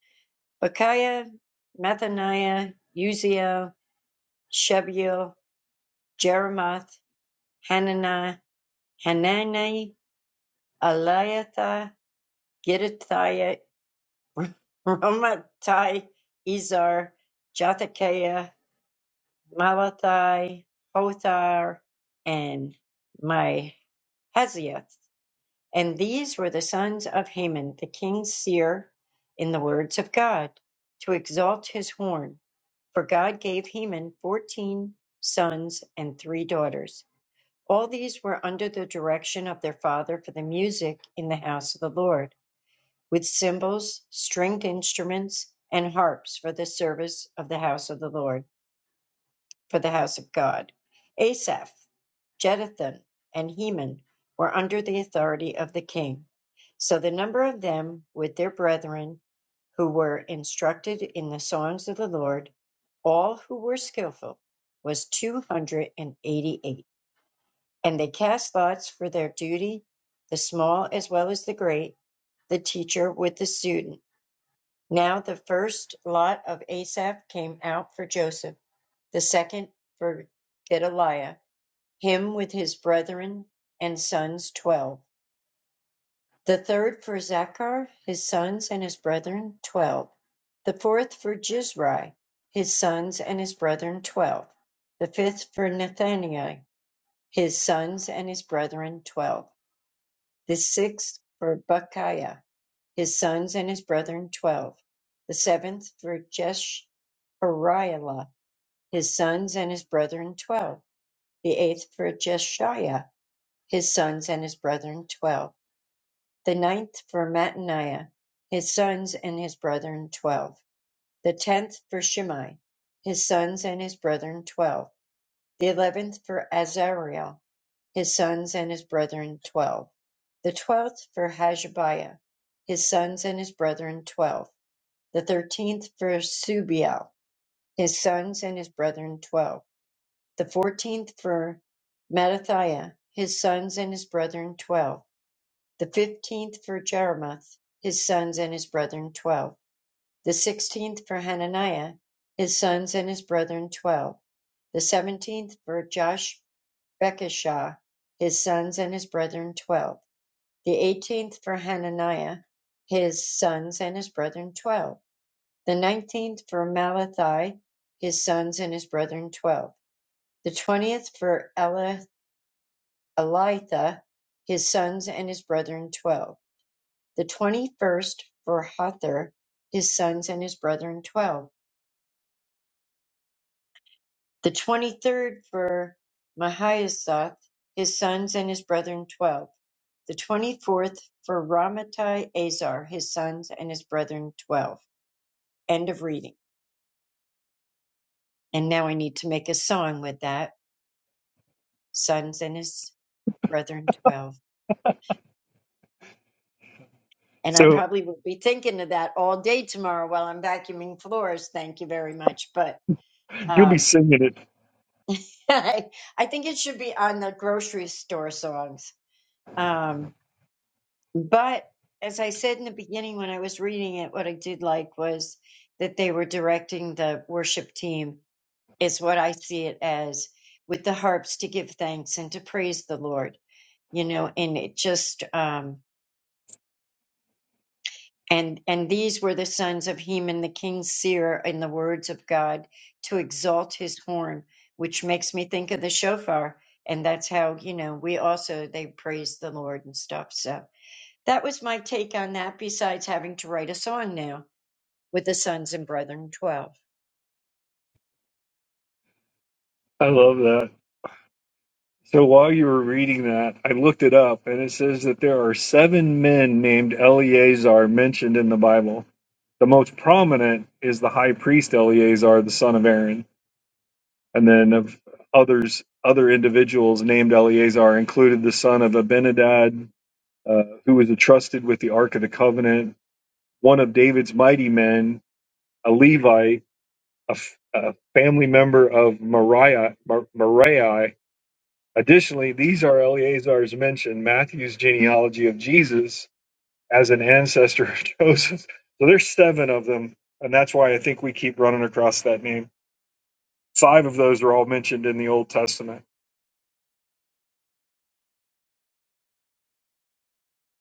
[SPEAKER 4] Bechiah, Mathaniah, Uziel, Shebuel, Jeremoth, Hananiah, Hanani, Eliathah, Gidatiah, Ramatai, Izar, Jothakiah, Malathai, Hothar, and Mahaziah. And these were the sons of Haman, the king's seer, in the words of God, to exalt his horn. For God gave Haman fourteen sons and three daughters. All these were under the direction of their father for the music in the house of the Lord, with cymbals, stringed instruments, and harps for the service of the house of the Lord, for the house of God. Asaph, Jeduthun, and Heman were under the authority of the king. So the number of them with their brethren who were instructed in the songs of the Lord, all who were skillful, was two hundred and eighty-eight. And they cast lots for their duty, the small as well as the great, the teacher with the student. Now the first lot of Asaph came out for Joseph, the second for Gedaliah, him with his brethren and sons twelve, the third for Zachar, his sons and his brethren twelve, the fourth for Jizri, his sons and his brethren twelve, the fifth for Nethaniah, his sons and his brethren twelve the sixth for Bukiah, his sons and his brethren, twelve. The seventh for Jeshariah, his sons and his brethren, twelve. The eighth for Jeshiah, his sons and his brethren, twelve. The ninth for Mattaniah, his sons and his brethren, twelve. The tenth for Shimei, his sons and his brethren, twelve the eleventh for Azariah, his sons and his brethren, twelve. The twelfth for Hashabiah, his sons and his brethren, twelve. The thirteenth for Subiel, his sons and his brethren, twelve. The fourteenth for Mattathiah, his sons and his brethren, twelve. The fifteenth for Jeremoth, his sons and his brethren, twelve. The sixteenth for Hananiah, his sons and his brethren, twelve. The seventeenth for Josh Bekishah, his sons and his brethren, twelve; the eighteenth for Hananiah, his sons and his brethren, twelve; the nineteenth for Malachi, his sons and his brethren, twelve; the twentieth for Eli- Elitha, his sons and his brethren, twelve; the twenty-first for Hothar, his sons and his brethren, twelve; The twenty-third for Mahazzoth, his sons and his brethren twelve. The twenty-fourth for Ramattai Azar, his sons and his brethren twelve. End of reading. And now I need to make a song with that, sons and his brethren twelve. And I
[SPEAKER 1] so
[SPEAKER 4] probably will be thinking of that all day tomorrow while I'm vacuuming floors. Thank you very much. But
[SPEAKER 1] you'll be
[SPEAKER 4] um,
[SPEAKER 1] singing it
[SPEAKER 4] I, I think it should be on the grocery store songs. Um, But as I said in the beginning, when I was reading it, what I did like was that they were directing the worship team, is what I see it as, with the harps to give thanks and to praise the Lord, you know, and it just, um, and, and these were the sons of Heman, the king's seer, in the words of God to exalt his horn, which makes me think of the shofar. And that's how, you know, we also, they praise the Lord and stuff. So, That was my take on that, besides having to write a song now with the Sons and Brethren 12.
[SPEAKER 1] i love that so while you were reading that i looked it up and it says that there are seven men named eleazar mentioned in the bible the most prominent is the high priest eleazar the son of aaron and then of others other individuals named eleazar included the son of abinadab uh, who was entrusted with the Ark of the Covenant, one of David's mighty men, a Levite, a, f- a family member of Moriah. Mor- Moriah. Additionally, these are Eleazar's mentioned Matthew's genealogy of Jesus as an ancestor of Joseph. So there's seven of them, and that's why I think we keep running across that name. Five of those are all mentioned in the Old Testament.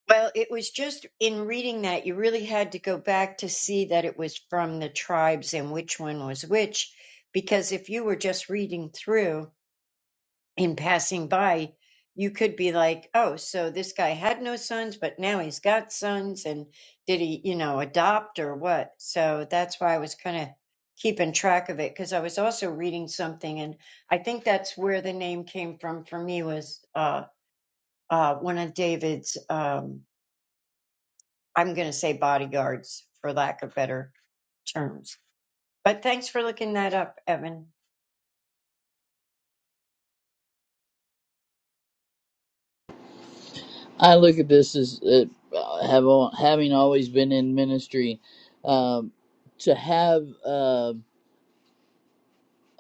[SPEAKER 4] Well, it was just in reading that you really had to go back to see that it was from the tribes and which one was which, because if you were just reading through, in passing by, you could be like, oh, so this guy had no sons, but now he's got sons. And did he, you know, adopt or what? So that's why I was kind of keeping track of it because I was also reading something. And I think that's where the name came from for me was uh, uh, one of David's, um, I'm going to say bodyguards for lack of better terms. But thanks for looking that up, Evan.
[SPEAKER 2] I look at this as uh, have al- having always been in ministry, um, to have. um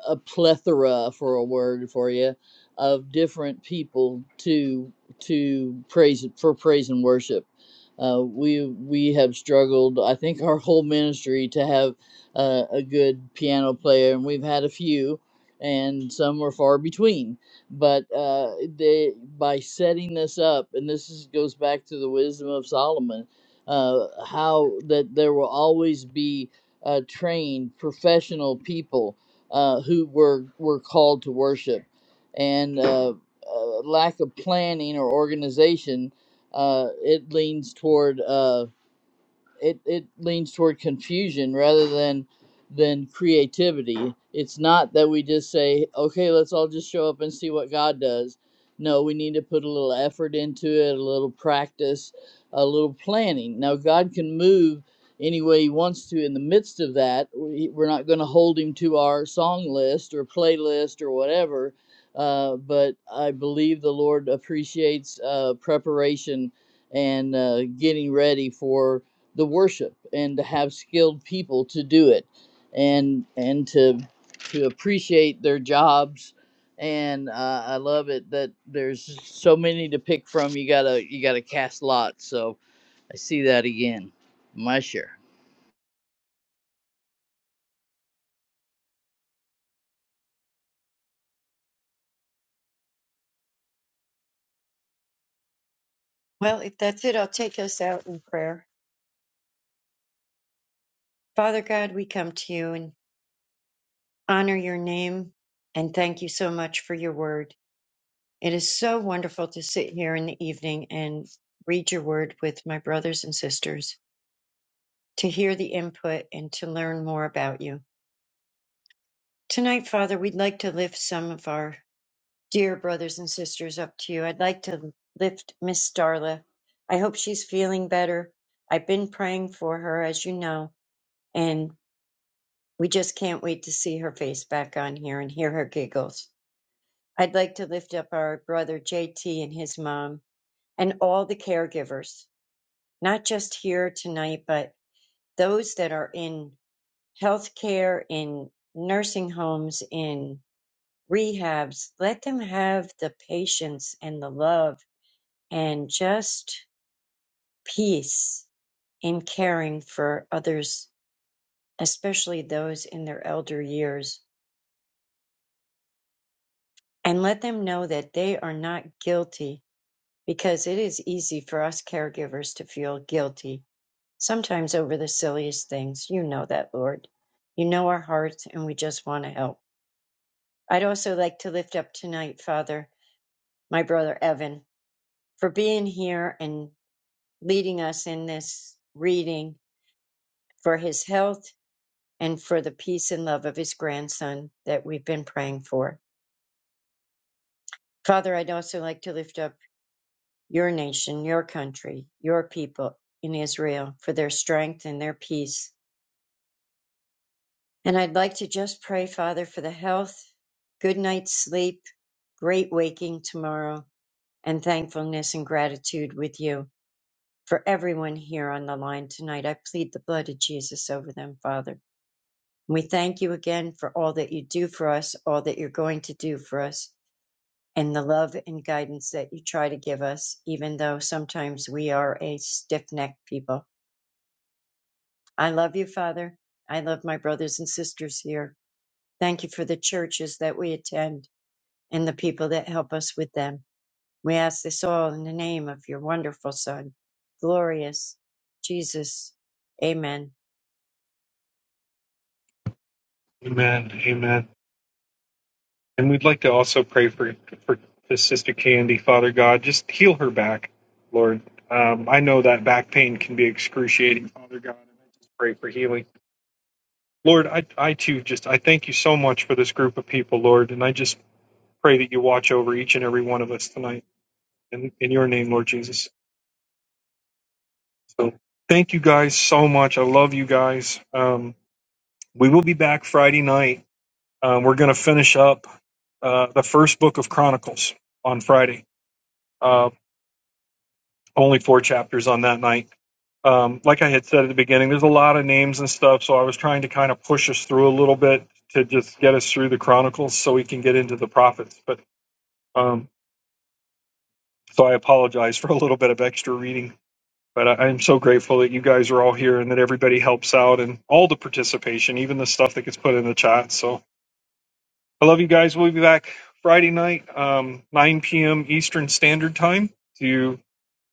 [SPEAKER 2] a plethora for a word for you of different people to to praise for praise and worship. Uh, we we have struggled. I think our whole ministry to have uh, a good piano player, and we've had a few, and some are far between. But uh, they by setting this up, and this is, goes back to the wisdom of Solomon, uh, how that there will always be uh, trained professional people uh, who were were called to worship, and uh, uh, lack of planning or organization. Uh, it leans toward. Uh, it, it leans toward confusion rather than than creativity. It's not that we just say, okay, let's all just show up and see what God does. No, we need to put a little effort into it, a little practice, a little planning. Now, God can move any way He wants to in the midst of that. We- We're not going to hold Him to our song list or playlist or whatever. Uh, but I believe the Lord appreciates uh, preparation and uh, getting ready for the worship and to have skilled people to do it and and to to appreciate their jobs and uh, i love it that there's so many to pick from you gotta you gotta cast lots so i see that again my share
[SPEAKER 4] Well, if that's it, I'll take us out in prayer. Father God, we come to you and honor your name and thank you so much for your word. It is so wonderful to sit here in the evening and read your word with my brothers and sisters, to hear the input and to learn more about you. Tonight, Father, we'd like to lift some of our dear brothers and sisters up to you. I'd like to lift Miss Darla. I hope she's feeling better. I've been praying for her, as you know, and we just can't wait to see her face back on here and hear her giggles. I'd like to lift up our brother JT and his mom and all the caregivers, not just here tonight, but those that are in healthcare, in nursing homes, in rehabs. Let them have the patience and the love and just peace in caring for others, especially those in their elder years. And let them know that they are not guilty because it is easy for us caregivers to feel guilty, sometimes over the silliest things. You know that, Lord. You know our hearts, and we just want to help. I'd also like to lift up tonight, Father, my brother Evan, for being here and leading us in this reading for his health and for the peace and love of his grandson that we've been praying for. Father, I'd also like to lift up your nation, your country, your people in Israel for their strength and their peace And I'd like to just pray, Father, for the health, good night's sleep, great waking tomorrow, and thankfulness and gratitude with you for everyone here on the line tonight. I plead the blood of Jesus over them, Father. We thank you again for all that you do for us, all that you're going to do for us, and the love and guidance that you try to give us, even though sometimes we are a stiff necked people. I love you, Father. I love my brothers and sisters here. Thank you for the churches that we attend. and the people that help us with them. We ask this all in the name of your wonderful Son, glorious Jesus. Amen.
[SPEAKER 1] Amen. Amen. And we'd like to also pray for for sister Candy, Father God, just heal her back, Lord. Um, I know that back pain can be excruciating, Father God, and I just pray for healing, Lord. I I too just I thank you so much for this group of people, Lord, and I just pray that you watch over each and every one of us tonight, in in your name, Lord Jesus. So thank you guys so much. I love you guys. Um, we will be back Friday night. Um, we're going to finish up uh, the first book of Chronicles on Friday Uh, only four chapters on that night. Um, like I had said at the beginning, there's a lot of names and stuff, so I was trying to kind of push us through a little bit to just get us through the Chronicles so we can get into the prophets. But um, so I apologize for a little bit of extra reading. But I, I'm so grateful that you guys are all here and that everybody helps out and all the participation, even the stuff that gets put in the chat. So I love you guys. We'll be back Friday night, um, 9 p.m. Eastern Standard Time to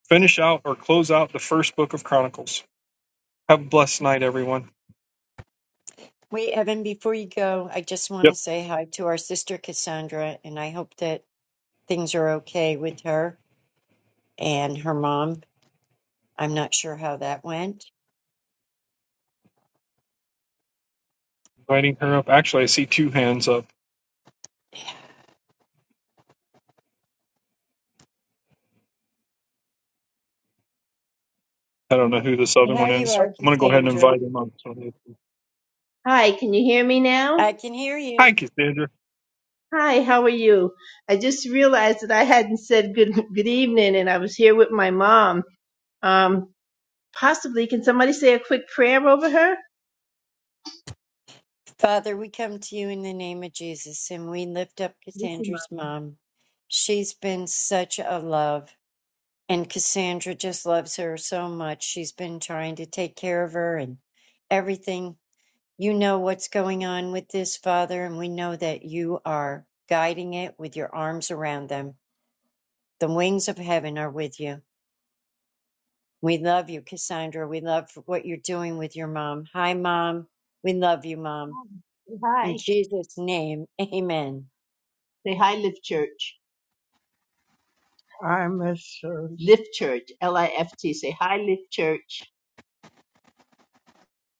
[SPEAKER 1] finish out or close out the first book of Chronicles. Have a blessed night, everyone.
[SPEAKER 4] Wait, Evan, before you go, I just want to
[SPEAKER 1] Yep,
[SPEAKER 4] say hi to our sister Cassandra, and I hope that things are okay with her and her mom. I'm not sure how that went.
[SPEAKER 1] inviting her up. Actually, I see two hands up. I don't know who this other
[SPEAKER 4] How
[SPEAKER 1] one
[SPEAKER 4] you
[SPEAKER 1] is.
[SPEAKER 4] are,
[SPEAKER 5] Oh,
[SPEAKER 1] I'm going to go ahead and
[SPEAKER 4] Cassandra?
[SPEAKER 1] invite him up. So-
[SPEAKER 5] hi, can you hear me now?
[SPEAKER 4] I can hear you.
[SPEAKER 1] Hi, Cassandra.
[SPEAKER 5] Hi, how are you? I just realized that I hadn't said good good evening, and I was here with my mom. Um, possibly, can somebody say a quick prayer over her?
[SPEAKER 4] Father, we come to you in the name of Jesus, and we lift up
[SPEAKER 5] Listen,
[SPEAKER 4] Cassandra's
[SPEAKER 5] mommy.
[SPEAKER 4] mom. She's been such a love. And Cassandra just loves her so much. She's been trying to take care of her and everything. You know what's going on with this, Father, and we know that you are guiding it with your arms around them. The wings of heaven are with you. We love you, Cassandra. We love what you're doing with your mom. Hi, Mom. We love you, Mom.
[SPEAKER 5] Hi.
[SPEAKER 4] In Jesus' name, amen.
[SPEAKER 5] Say hi, Lift Church. I miss church. Lift Church. L I F T. Say hi, Lift Church.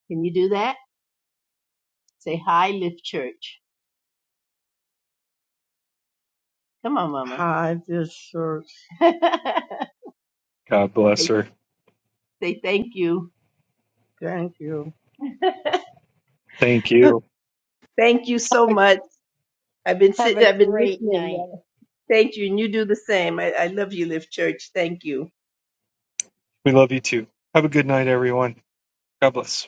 [SPEAKER 5] Can you do that? Say hi, Lift Church. Come on, Mama. Hi, this church. say,
[SPEAKER 1] God bless her.
[SPEAKER 5] say thank you. Thank you.
[SPEAKER 1] Thank you.
[SPEAKER 5] Thank you so much. I've been
[SPEAKER 4] Have a
[SPEAKER 5] sitting, I've been
[SPEAKER 4] great
[SPEAKER 5] listening.
[SPEAKER 4] night.
[SPEAKER 5] uh, Thank you, and you do the same. I, I love you, Live Church. Thank you.
[SPEAKER 1] We love you too. Have a good night, everyone. God bless.